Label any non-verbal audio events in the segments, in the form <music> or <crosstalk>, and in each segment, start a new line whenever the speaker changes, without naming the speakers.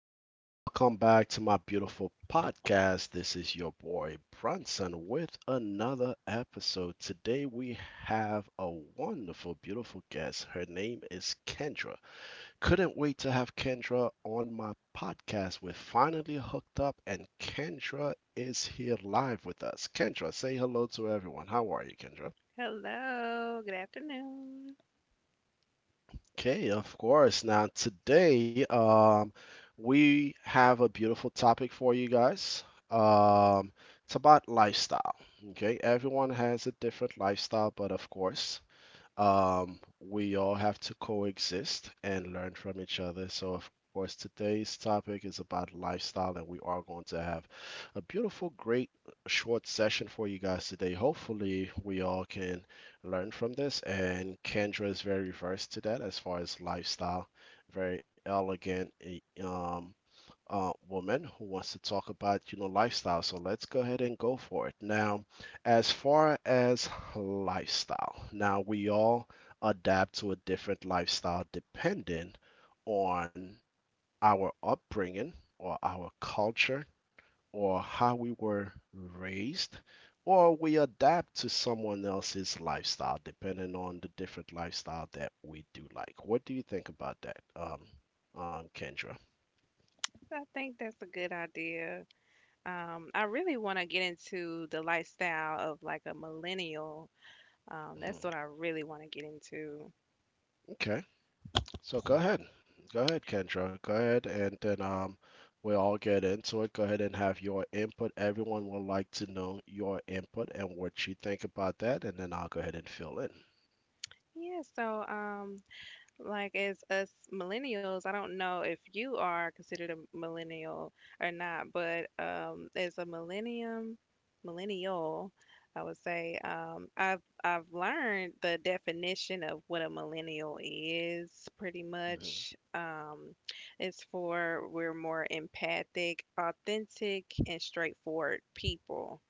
hello. Welcome back to my beautiful podcast. This is your boy Brunson with another episode. Today we have a wonderful, beautiful guest. Her name is Kendra. Couldn't wait to have Kendra on my podcast. We're finally hooked up, and Kendra is here live with us. Kendra, say hello to everyone. How are you, Kendra?
Hello, good afternoon.
Okay, of course. Now, today, we have a beautiful topic for you guys. Um, it's about lifestyle. Okay, everyone has a different lifestyle, but of course, we all have to coexist and learn from each other. So, of course, today's topic is about lifestyle, and we are going to have a beautiful, great, short session for you guys today. Hopefully, we all can learn from this. And Kendra is very versed to that as far as lifestyle, very elegant, woman who wants to talk about, you know, lifestyle. So let's go ahead and go for it. Now, as far as lifestyle, now we all adapt to a different lifestyle depending on our upbringing or our culture or how we were raised. Or we adapt to someone else's lifestyle, depending on the different lifestyle that we do like. What do you think about that, Kendra?
I think that's a good idea. I really want to get into the lifestyle of like a millennial. That's
Hmm.
what I really want to get into.
Okay. So go ahead. Go ahead, Kendra. Go ahead, and then we'll all get into it. Go ahead and have your input. Everyone would like to know your input and what you think about that, and then I'll go ahead and fill in.
Yeah, so um, Like as us millennials, I don't know if you are considered a millennial or not, but as a millennial, I would say I've learned the definition of what a millennial is pretty
Mhm.
much. It's for we're more empathic, authentic, and straightforward people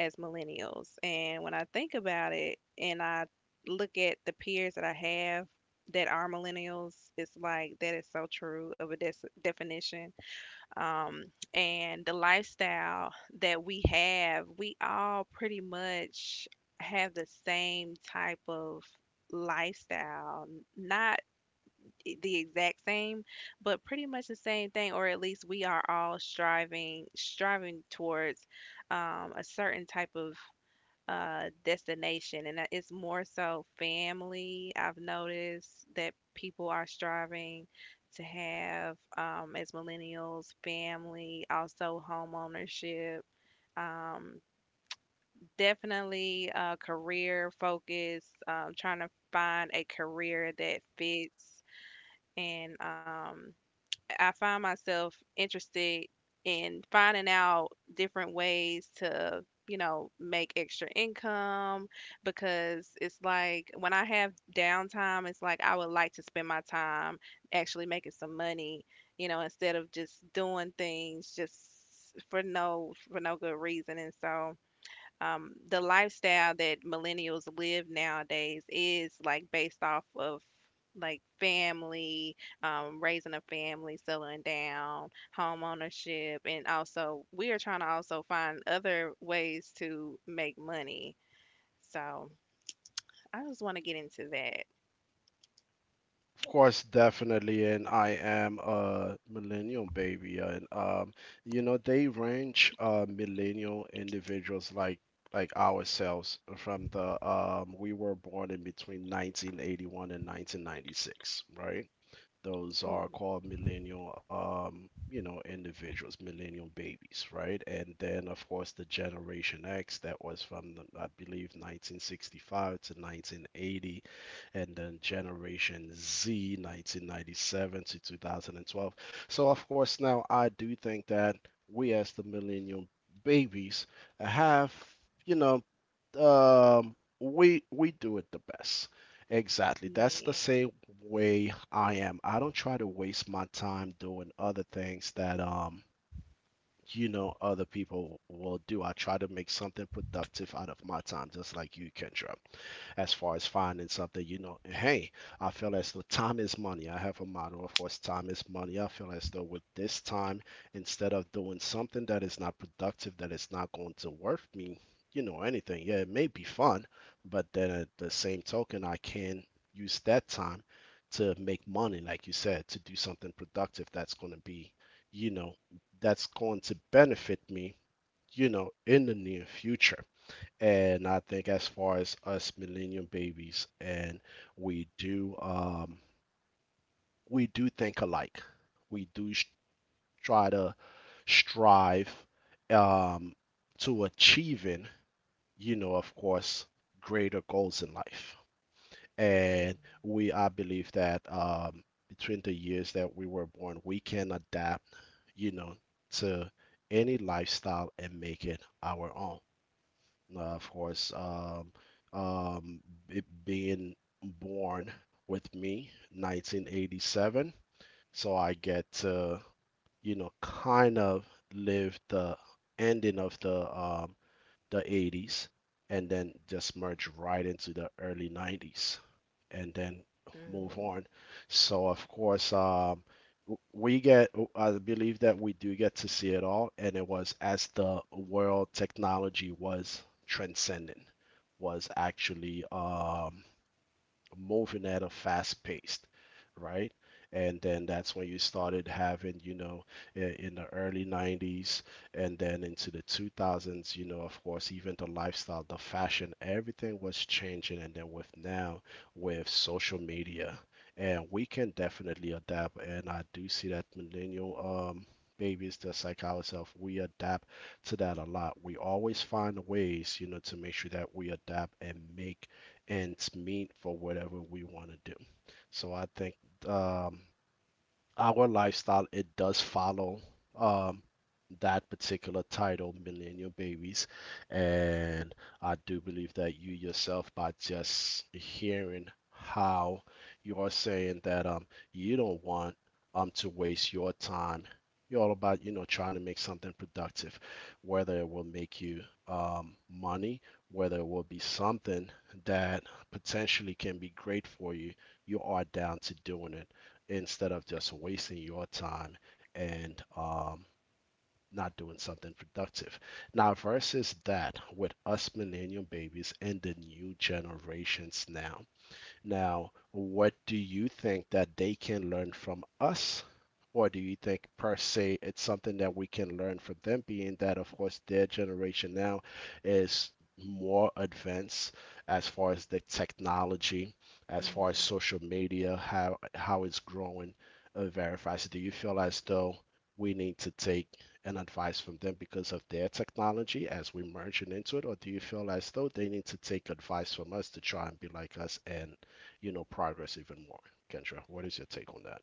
as millennials. And when I think about it, and I look at the peers that I have that are millennials, it's like that is so true of a definition, um, and the lifestyle that we have, we all pretty much have the same type of lifestyle, not the exact same, but pretty much the same thing, or at least we are all striving towards a certain type of destination, and that it's more so family. I've noticed that people are striving to have, as millennials, family, also home ownership. Um, definitely career focus, trying to find a career that fits, and I find myself interested in finding out different ways to, you know, make extra income, because it's like when I have downtime, it's like I would like to spend my time actually making some money, you know, instead of just doing things just for no good reason. And so the lifestyle that millennials live nowadays is like based off of like family, raising a family, settling down, home ownership, and also we are trying to also find other ways to make money. So I just want to get into that.
Of course, definitely, and I am a millennial baby, and you know, they range millennial individuals like ourselves from the we were born in between 1981 and 1996, right? Those are
Mm,
called millennial, you know, individuals, millennial babies, right? And then, of course, the Generation X that was from, the, I believe, 1965 to 1980, and then Generation Z, 1997 to 2012. So, of course, now I do think that we as the millennial babies have, you know, we do it the best. Exactly. That's the
Yeah.
same way I am. I don't try to waste my time doing other things that you know other people will do. I try to make something productive out of my time, just like you, Kendra. As far as finding something, you know, hey, I feel as though time is money. I have a motto, of course, time is money. I feel as though with this time, instead of doing something that is not productive, that is not going to worth me, you know, anything. Yeah, it may be fun, but then at the same token, I can use that time to make money, like you said, to do something productive that's going to be, you know, that's going to benefit me, you know, in the near future. And I think as far as us millennium babies, and we do, um, we do think alike. We try to strive um, to achieving, you know, of course, greater goals in life.
Mm,
And we, I believe that between the years that we were born, we can adapt, you know, to any lifestyle and make it our own. Uh, of course, um, um, it being born with me, 1987, so I get to, you know, kind of live the ending of the 80s and then just merge right into the early 90s and then move
mm,
on. So of course, we get. I believe that we do get to see it all, and it was as the world technology was transcending, was actually moving at a fast pace, right? And then that's when you started having, you know, in the early 90s and then into the 2000s, you know, of course, even the lifestyle, the fashion, everything was changing. And then with now, with social media, and we can definitely adapt. And I do see that millennial, babies just like ourselves, we adapt to that a lot. We always find ways, you know, to make sure that we adapt and make ends meet for whatever we want to do. So I think, um, our lifestyle, it does follow um that particular title, millennial babies. And I do believe that you yourself, by just hearing how you are saying that, you don't want, to waste your time, you're all about, you know, trying to make something productive, whether it will make you, money, whether it will be something that potentially can be great for you, you are down to doing it instead of just wasting your time and not doing something productive. Now, versus that with us millennial babies and the new generations now, now, what do you think that they can learn from us? Or do you think, per se, it's something that we can learn from them, being that, of course, their generation now is more advanced as far as the technology, as far as
mhm.
social media, how it's growing, verifies. Do you feel as though we need to take an advice from them because of their technology as we merge it into it, or do you feel as though they need to take advice from us to try and be like us and, you know, progress even more. Kendra, what is your take on that?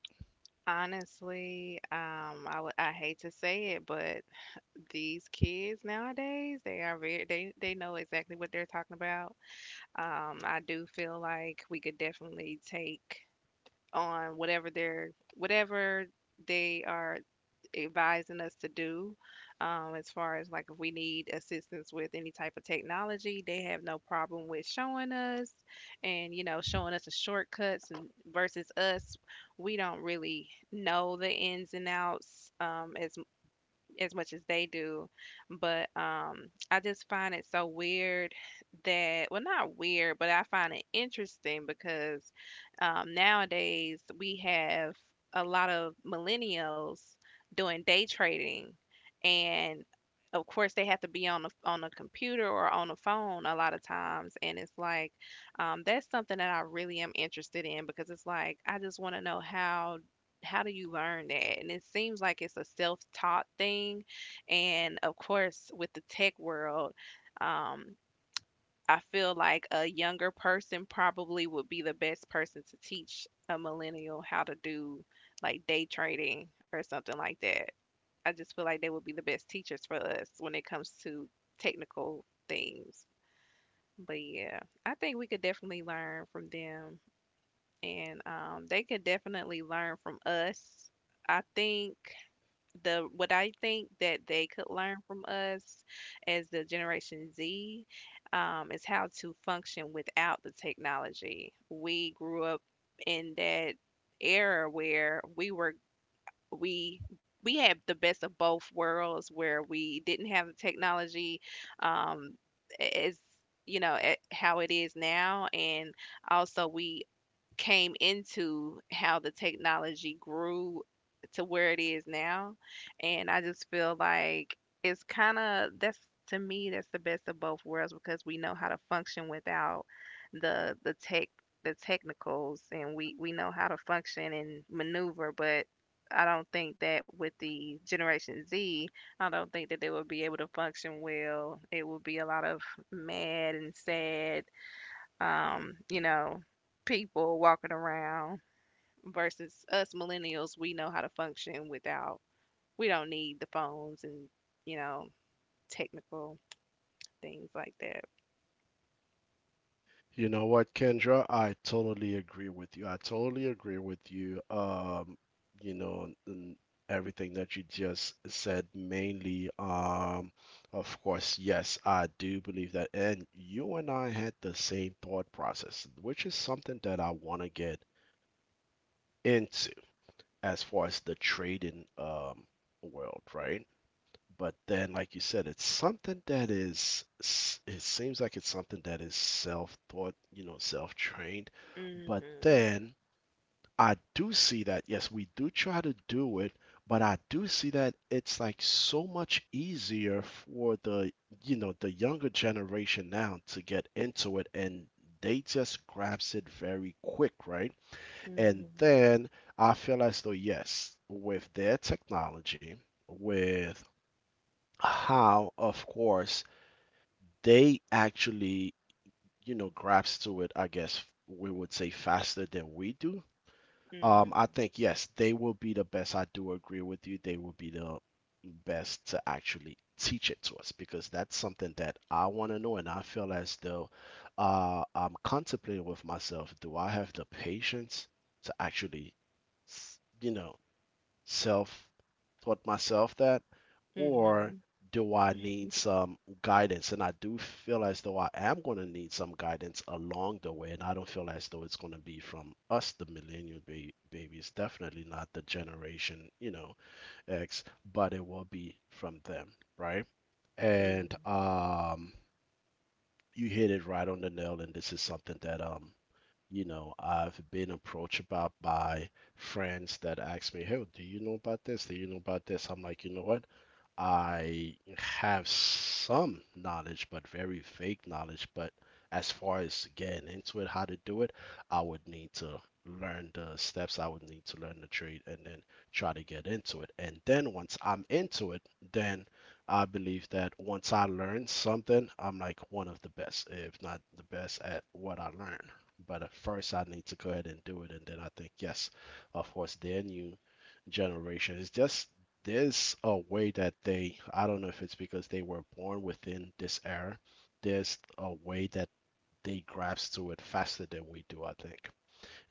Honestly, I hate to say it, but these kids nowadays, they are very they know exactly what they're talking about. I do feel like we could definitely take on whatever they're whatever they are advising us to do, as far as like if we need assistance with any type of technology, they have no problem with showing us, and you know, showing us the shortcuts. And versus us, we don't really know the ins and outs, as much as they do. But I just find it so weird that, well, not weird, but I find it interesting because nowadays we have a lot of millennials doing day trading, and of course they have to be on a computer or on a phone a lot of times, and it's like that's something that I really am interested in because it's like I just want to know how do you learn that? And it seems like it's a self-taught thing. And of course, with the tech world, um, I feel like a younger person probably would be the best person to teach a millennial how to do like day trading or something like that. I just feel like they would be the best teachers for us when it comes to technical things. But yeah, I think we could definitely learn from them, and they could definitely learn from us. I think the what I think that they could learn from us as the Generation Z, is how to function without the technology. We grew up in that era where we we had the best of both worlds, where we didn't have the technology, um, as you know, how it is now, and also we came into how the technology grew to where it is now. And I just feel like it's kind of that's to me that's the best of both worlds because we know how to function without the tech the technicals, and we know how to function and maneuver. But I don't think that with the Generation Z, I don't think that they will be able to function well. It will be a lot of mad and sad, you know, people walking around versus us millennials. We know how to function without, we don't need the phones and, you know, technical things like that.
You know what, Kendra? I totally agree with you. I totally agree with you. You know, everything that you just said, mainly, of course, yes, I do believe that. And you and I had the same thought process, which is something that I want to get into as far as the trading, world, right? But then, like you said, it's something that is, it seems like it's something that is self taught, you know, self trained. But
hmm
then I do see that, yes, we do try to do it, but I do see that it's like so much easier for the, you know, the younger generation now to get into it and they just grasp it very quick, right? And
hmm
then I feel as though, yes, with their technology, with how, of course, they actually, you know, grasp to it, I guess we would say faster than we do. I
hmm
think, yes, they will be the best. I do agree with you. They will be the best to actually teach it to us because that's something that I want to know. And I feel as though I'm contemplating with myself, do I have the patience to actually, you know, self taught myself that, or
hmm
do I need some guidance? And I do feel as though I am going to need some guidance along the way. And I don't feel as though it's going to be from us, the millennial babies, definitely not the generation, you know, X, but it will be from them, right?
hmm
And you hit it right on the nail. And this is something that you know, I've been approached about by friends that ask me, "Hey, do you know about this? Do you know about this?" I'm like, you know what? I have some knowledge, but very vague knowledge. But as far as getting into it, how to do it, I would need to learn the steps. I would need to learn the trade and then try to get into it. And then once I'm into it, then I believe that once I learn something, I'm like one of the best, if not the best, at what I learn. But at first, I need to go ahead and do it. And then I think, yes, of course, their new generation is just, there's a way that they, I don't know if it's because they were born within this era, there's a way that they grasp to it faster than we do, I think.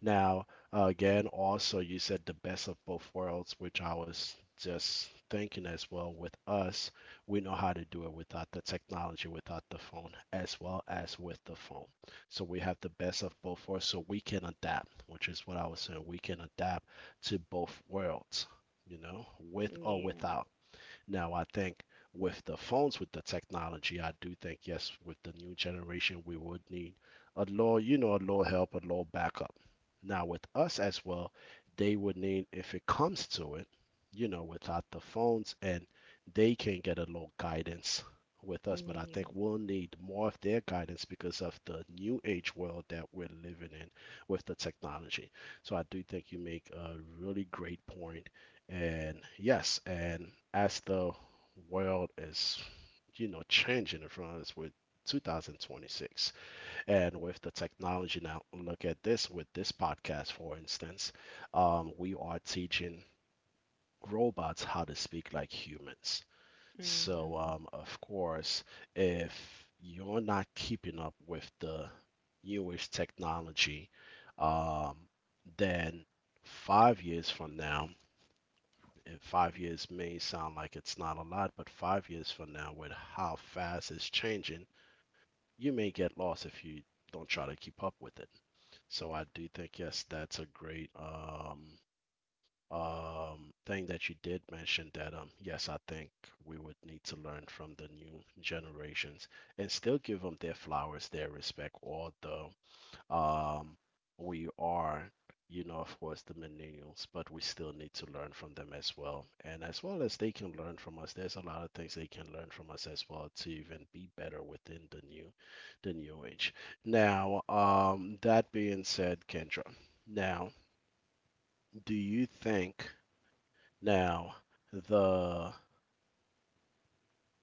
Now, again, also, you said the best of both worlds, which I was just thinking as well. With us, we know how to do it without the technology, without the phone, as well as with the phone, so we have the best of both worlds, so we can adapt, which is what I was saying, we can adapt to both worlds, you know, with or
Yeah,
without. Now, I think with the phones, with the technology, I do think, yes, with the new generation, we would need a little, you know, a little help, a little backup. Now, with us as well, they would need, if it comes to it, you know, without the phones, and they can get a little guidance with us. But I think
yeah.
we'll need more of their guidance because of the new age world that we're living in with the technology. So I do think you make a really great point, and yes, and as the world is, you know, changing in front of us with 2026 and with the technology now, look at this with this podcast, for instance, we are teaching robots how to speak like humans. So,
hmm
of course, if you're not keeping up with the newest technology, um, then 5 years from now, and 5 years may sound like it's not a lot, but 5 years from now, with how fast it's changing, you may get lost if you don't try to keep up with it. So I do think, yes, that's a great thing that you did mention that, yes, I think we would need to learn from the new generations and still give them their flowers, their respect, all the um, we are, you know, of course, the millennials, but we still need to learn from them as well. And as well as they can learn from us, there's a lot of things they can learn from us as well to even be better within the new age. Now, that being said, Kendra, now, do you think now the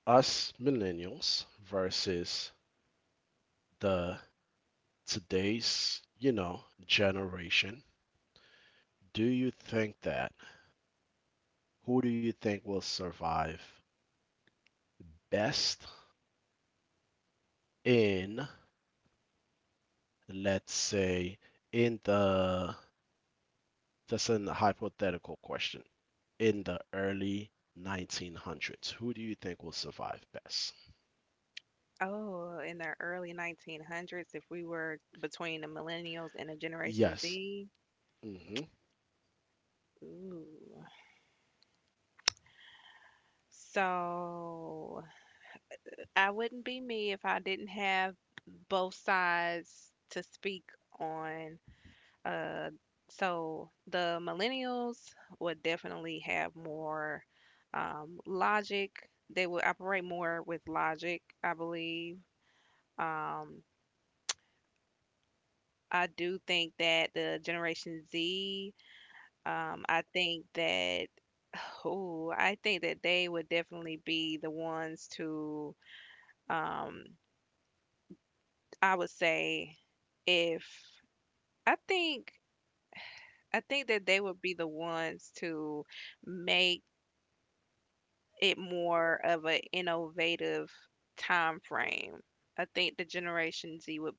us millennials versus the today's, you know, generation, do you think that who do you think will survive best in, let's say, in the, that's an hypothetical question, in the early 1900s? Who do you think will survive best?
Oh, in the early 1900s, if we were between the millennials and the Generation
Yes.
Z,
Hmm.
ooh. So, I wouldn't be me if I didn't have both sides to speak on. Uh, so the millennials would definitely have more logic. They would operate more with logic, I believe. Um, I do think that the Generation Z, I think that, <sighs> oh, I think that they would definitely be the ones to, um, I would say, if I think I think that they would be the ones to make it more of an innovative time frame. I think the Generation Z would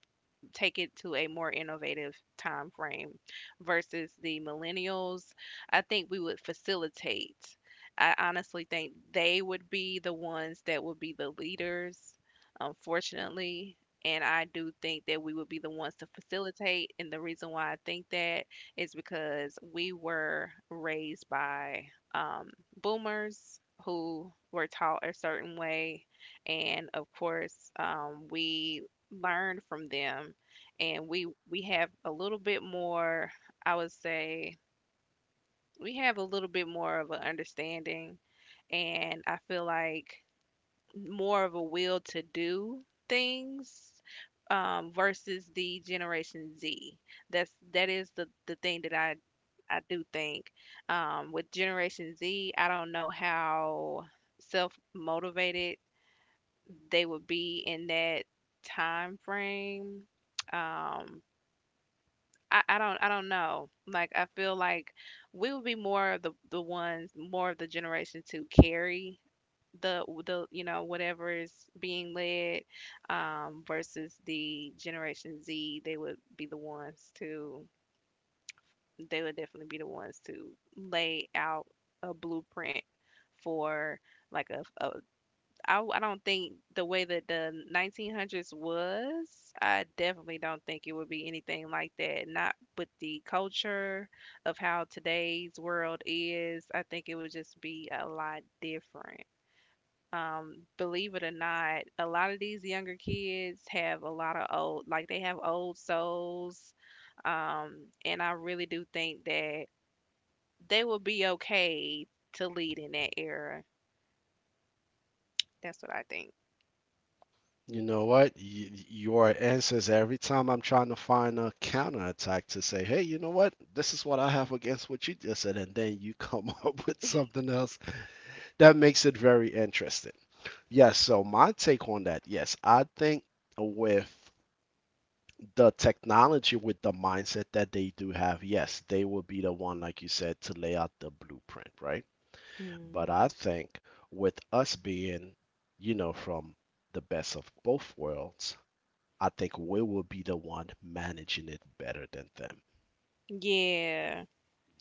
take it to a more innovative time frame versus the millennials. I think we would facilitate. I honestly think they would be the ones that would be the leaders, unfortunately. And I do think that we would be the ones to facilitate. And the reason why I think that is because we were raised by um, boomers who were taught a certain way. And of course, we learned from them, and we have a little bit more, I would say, we have a little bit more of an understanding, and I feel like more of a will to do things, versus the Generation Z. That is the thing that I do think. With Generation Z, I don't know how self motivated they would be in that time frame. um, I don't, I don't know. Like I feel like we would be more of the ones, more of the generation to carry the, you know, whatever is being led, versus the Generation Z. They would be the ones to, they would definitely be the ones to lay out a blueprint for like a, I don't think the way that the 1900s was, I definitely don't think it would be anything like that. Not with the culture of how today's world is. I think it would just be a lot different. Believe it or not, a lot of these younger kids have a lot of old, like they have old souls. And I really do think that they will be okay to lead in that era. That's what I think.
You know what? Your answers every time I'm trying to find a counterattack to say, hey, you know what? This is what I have against what you just said. And then you come <laughs> up with something else that makes it very interesting. Yes, so my take on that, yes, I think with the technology, with the mindset that they do have, yes, they will be the one, like you said, to lay out the blueprint, right? But I
Mm.
think with us being, you know, from the best of both worlds, I think we will be the one managing it better than them.
Yeah.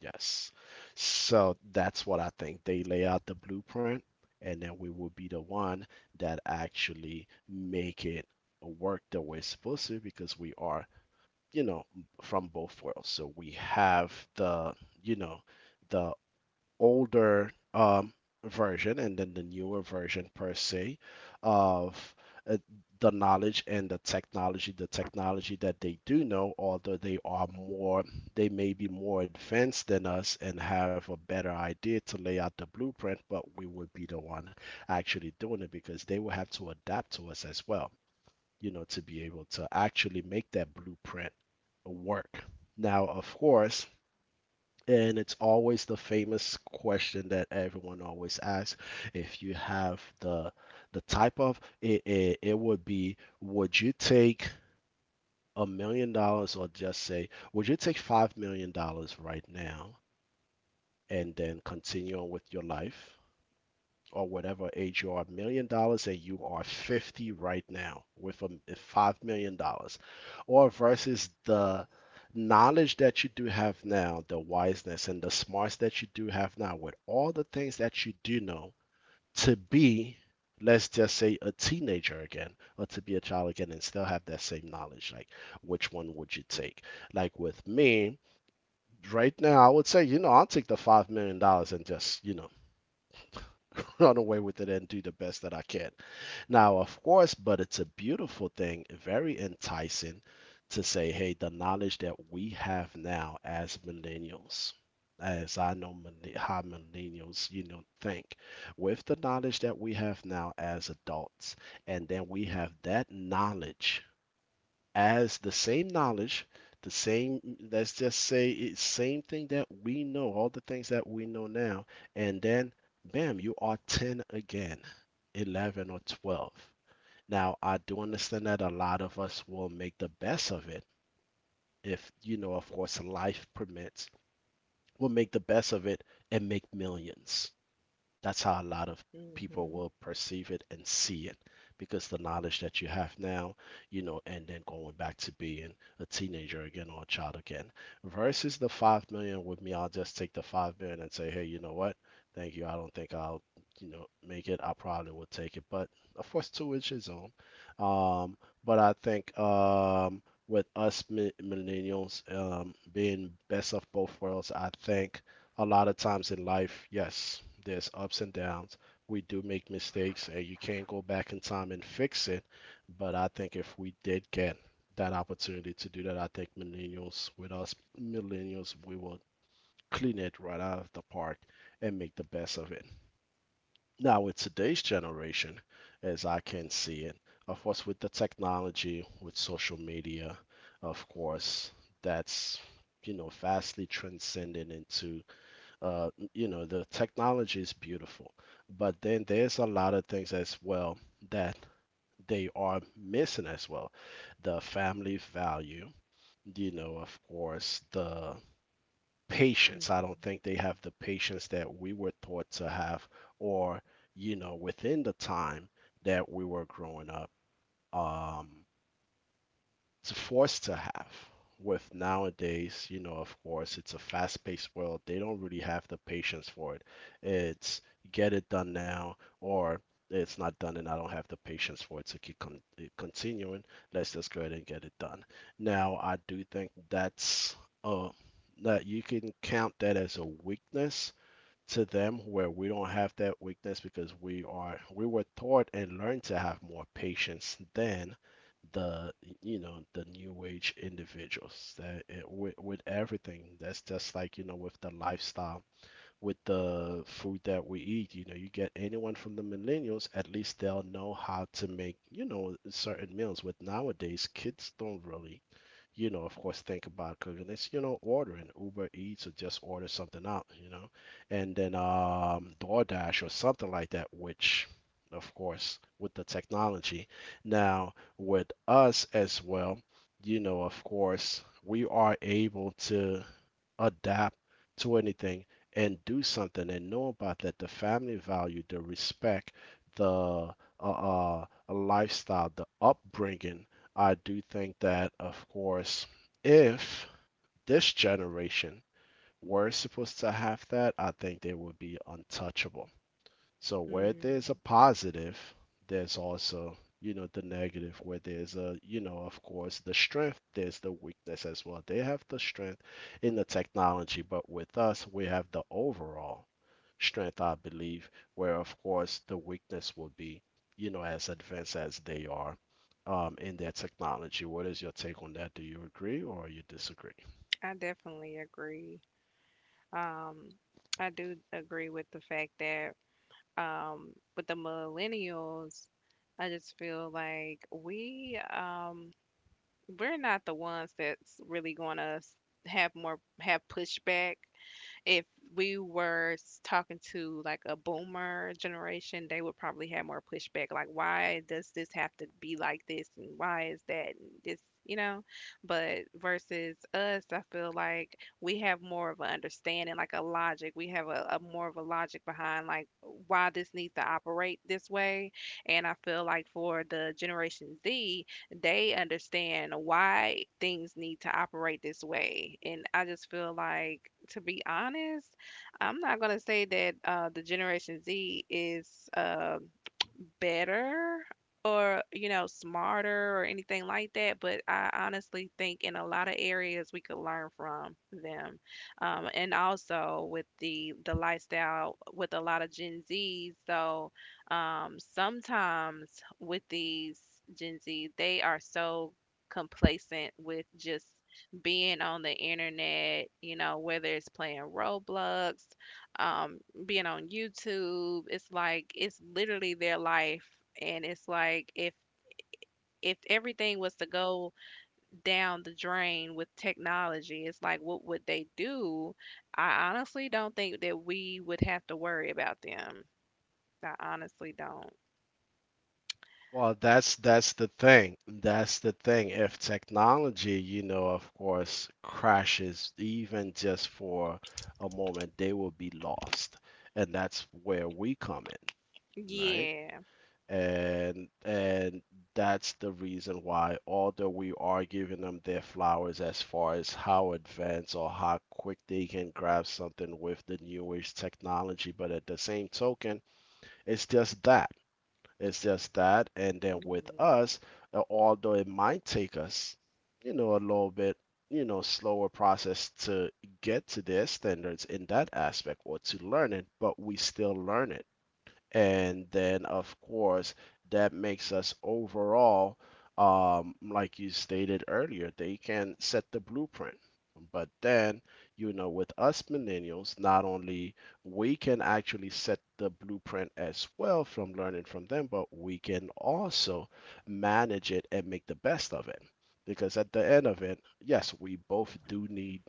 Yes. So that's what I think. They lay out the blueprint, and then we will be the one that actually make it work the way it's supposed to because we are, you know, from both worlds. So we have the, you know, the older version and then the newer version per se of uh, the knowledge and the technology that they do know, although they may be more advanced than us and have a better idea to lay out the blueprint, but we would be the one actually doing it because they will have to adapt to us as well, you know, to be able to actually make that blueprint work. Now, of course, and it's always the famous question that everyone always asks. If you have the the type of it, it would be, would you take $1 million or just say, would you take $5 million right now and then continue on with your life? Or whatever age you are, $1 million, and you are 50 right now with a $5 million, or versus the knowledge that you do have now, the wiseness and the smarts that you do have now with all the things that you do know, to be, let's just say, a teenager again, or to be a child again and still have that same knowledge, like which one would you take? Like with me right now, I would say, you know, I'll take the $5 million and just, you know, <laughs> run away with it and do the best that I can. Now, of course, but it's a beautiful thing, very enticing, to say, hey, the knowledge that we have now as millennials, as I know how millennials, you know, think, with the knowledge that we have now as adults, and then we have that knowledge as the same knowledge, the same, let's just say it's same thing that we know, all the things that we know now, and then bam, you are 10 again, 11 or 12. Now, I do understand that a lot of us will make the best of it if, you know, of course, life permits, we will make the best of it and make millions. That's how a lot of people
Mhm,
will perceive it and see it because the knowledge that you have now, you know, and then going back to being a teenager again or a child again versus the 5 million, with me, I'll just take the 5 million and say, hey, you know what? Thank you. I don't think I'll, you know, make it. I probably would take it, but of course, to each his own. Um, but I think, with us millennials being best of both worlds, I think a lot of times in life, yes, there's ups and downs. We do make mistakes, and you can't go back in time and fix it. But I think if we did get that opportunity to do that, I think millennials, with us millennials, we will clean it right out of the park and make the best of it. Now, with today's generation, as I can see it, of course, with the technology, with social media, of course, that's, you know, vastly transcending into you know, the technology is beautiful, but then there's a lot of things as well that they are missing as well. The family value, you know, of course, the patience. I don't
mhm,
think they have the patience that we were taught to have, or, you know, within the time that we were growing up. Um, it's forced to have with nowadays, you know, of course, it's a fast-paced world, they don't really have the patience for it. It's get it done now, or it's not done, and I don't have the patience for it to keep continuing. Let's just go ahead and get it done. Now I do think that's uh that you can count that as a weakness to them, where we don't have that weakness because we were taught and learned to have more patience than the you know, the new age individuals. That it, with everything that's just like, you know, with the lifestyle, with the food that we eat. You know, you get anyone from the millennials, at least they'll know how to make, you know, certain meals. With nowadays, kids don't really, you know, of course, think about cooking. It's, you know, ordering Uber Eats or just order something out, you know, and then DoorDash or something like that, which, of course, with the technology. Now, with us as well, you know, of course, we are able to adapt to anything and do something and know about that, the family value, the respect, the lifestyle, the upbringing. I do think that of course, if this generation were supposed to have that, I think they would be untouchable. So where there's
mm.
a positive, there's also, you know, the negative. Where there's a, you know, of course, the strength, there's the weakness as well. They have the strength in the technology, but with us, we have the overall strength, I believe, where of course the weakness will be, you know, as advanced as they are in their technology. What is your take on that? Do you agree or you disagree?
I definitely agree. Um, I do agree with the fact that with the millennials, I just feel like we're not the ones that's really gonna have pushback. If we were talking to like a boomer generation, they would probably have more pushback. Like, why does this have to be like this? And why is that? And this, you know? But versus us, I feel like we have more of an understanding, like a logic. We have a more of a logic behind like why this needs to operate this way. And I feel like for the Generation Z, they understand why things need to operate this way. And I just feel like, to be honest, I'm not going to say that the Generation Z is better or, you know, smarter or anything like that, but I honestly think in a lot of areas we could learn from them. And also with the lifestyle, with a lot of Gen Zs, so sometimes with these Gen Z, they are so complacent with just being on the internet, you know, whether it's playing Roblox, um, being on YouTube. It's like it's literally their life, and it's like if everything was to go down the drain with technology, it's like what would they do? I honestly don't think that we would have to worry about them. I honestly don't.
Well, that's the thing. That's the thing. If technology, you know, of course, crashes even just for a moment, they will be lost. And that's where we come in, right?
Yeah.
And that's the reason why, although we are giving them their flowers as far as how advanced or how quick they can grab something with the new age technology, but at the same token, it's just that. It's just that. And then with
Mhm.
us, although it might take us, you know, a little bit, you know, slower process to get to their standards in that aspect or to learn it, but we still learn it, and then of course that makes us overall, like you stated earlier, they can set the blueprint, but then, you know, with us millennials, not only we can actually set the blueprint as well from learning from them, but we can also manage it and make the best of it, because at the end of it, yes, we both do need,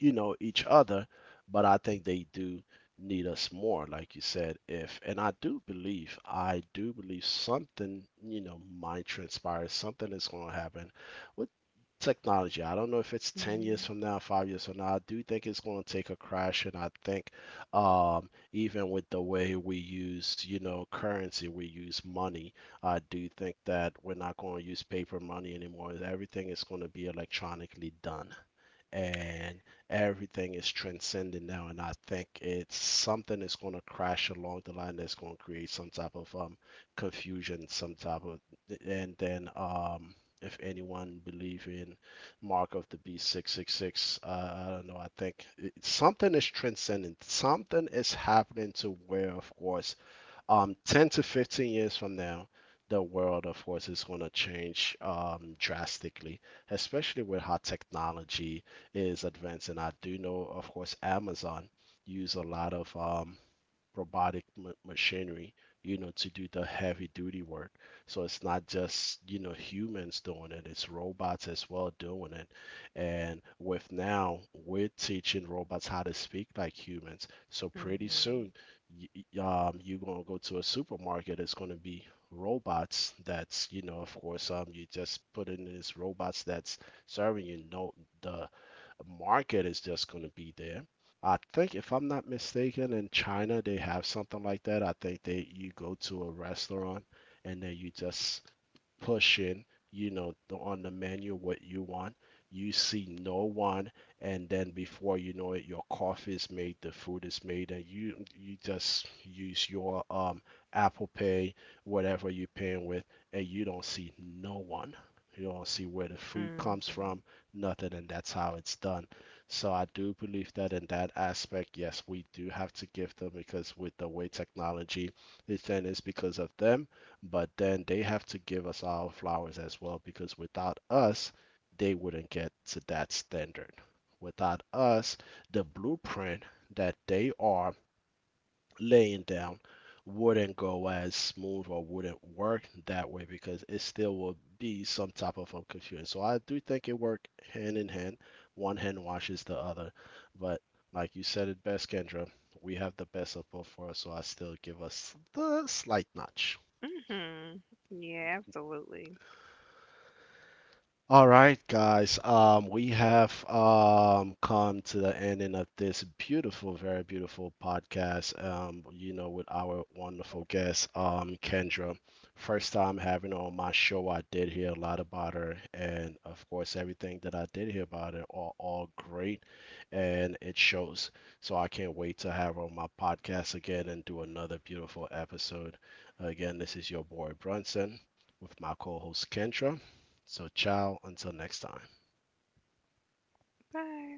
you know, each other, but I think they do need us more, like you said. If, and I do believe something, you know, might transpire, something is going to happen with technology. I don't know if it's 10 years
Mhm.
from now, 5 years from now. I do think it's going to take a crash, and I think even with the way we use, you know, currency, we use money. I do think that we're not going to use paper money anymore. Everything is going to be electronically done, and everything is transcending now. And I think it's something that's going to crash along the line that's going to create some type of confusion, and then if anyone believe in mark of the beast 666, I don't know, I think something is transcending, something is happening, to where of course, 10 to 15 years from now, the world of horse is going to change drastically, especially with how technology is advancing. I do know, of course, Amazon use a lot of robotic machinery, you know, to do the heavy duty work. So it's not just, you know, humans doing it, it's robots as well doing it. And with now, we're teaching robots how to speak like humans. So pretty
Mhm.
soon, y- y- you're gonna go to a supermarket, it's gonna be robots that's, you know, of course, you just put in this robots that's serving you. No, the market is just going to be there. I think if I'm not mistaken, in China they have something like that. I think they you go to a restaurant and then you just pushing, you know, on the menu what you want. You see no one, and then before you know it, your coffee is made, the food is made, and you just use your Apple Pay, whatever you're paying with, and you don't see no one. You don't see where the food
Mhm.
comes from, nothing, and that's how it's done. So I do believe that in that aspect, yes, we do have to give them because with the way technology is done, it's because of them, but then they have to give us our flowers as well because without us, they wouldn't get to that standard. Without us, the blueprint that they are laying down wouldn't go as smooth or wouldn't work that way because it still will be some type of confusion. So I do think it worked hand in hand. One hand washes the other, but like you said it best, Kendra, we have the best of both for us, so I still give us the slight notch.
Mhm. Yeah, absolutely.
All right, guys. We have come to the ending of this beautiful, very beautiful podcast. You know, with our wonderful guest, Kendra. First time having her on my show, I did hear a lot about her, and of course, everything that I did hear about her are all great, and it shows. So I can't wait to have her on my podcast again and do another beautiful episode. Again, this is your boy Brunson with my co-host Kendra. So, ciao until next time.
Bye.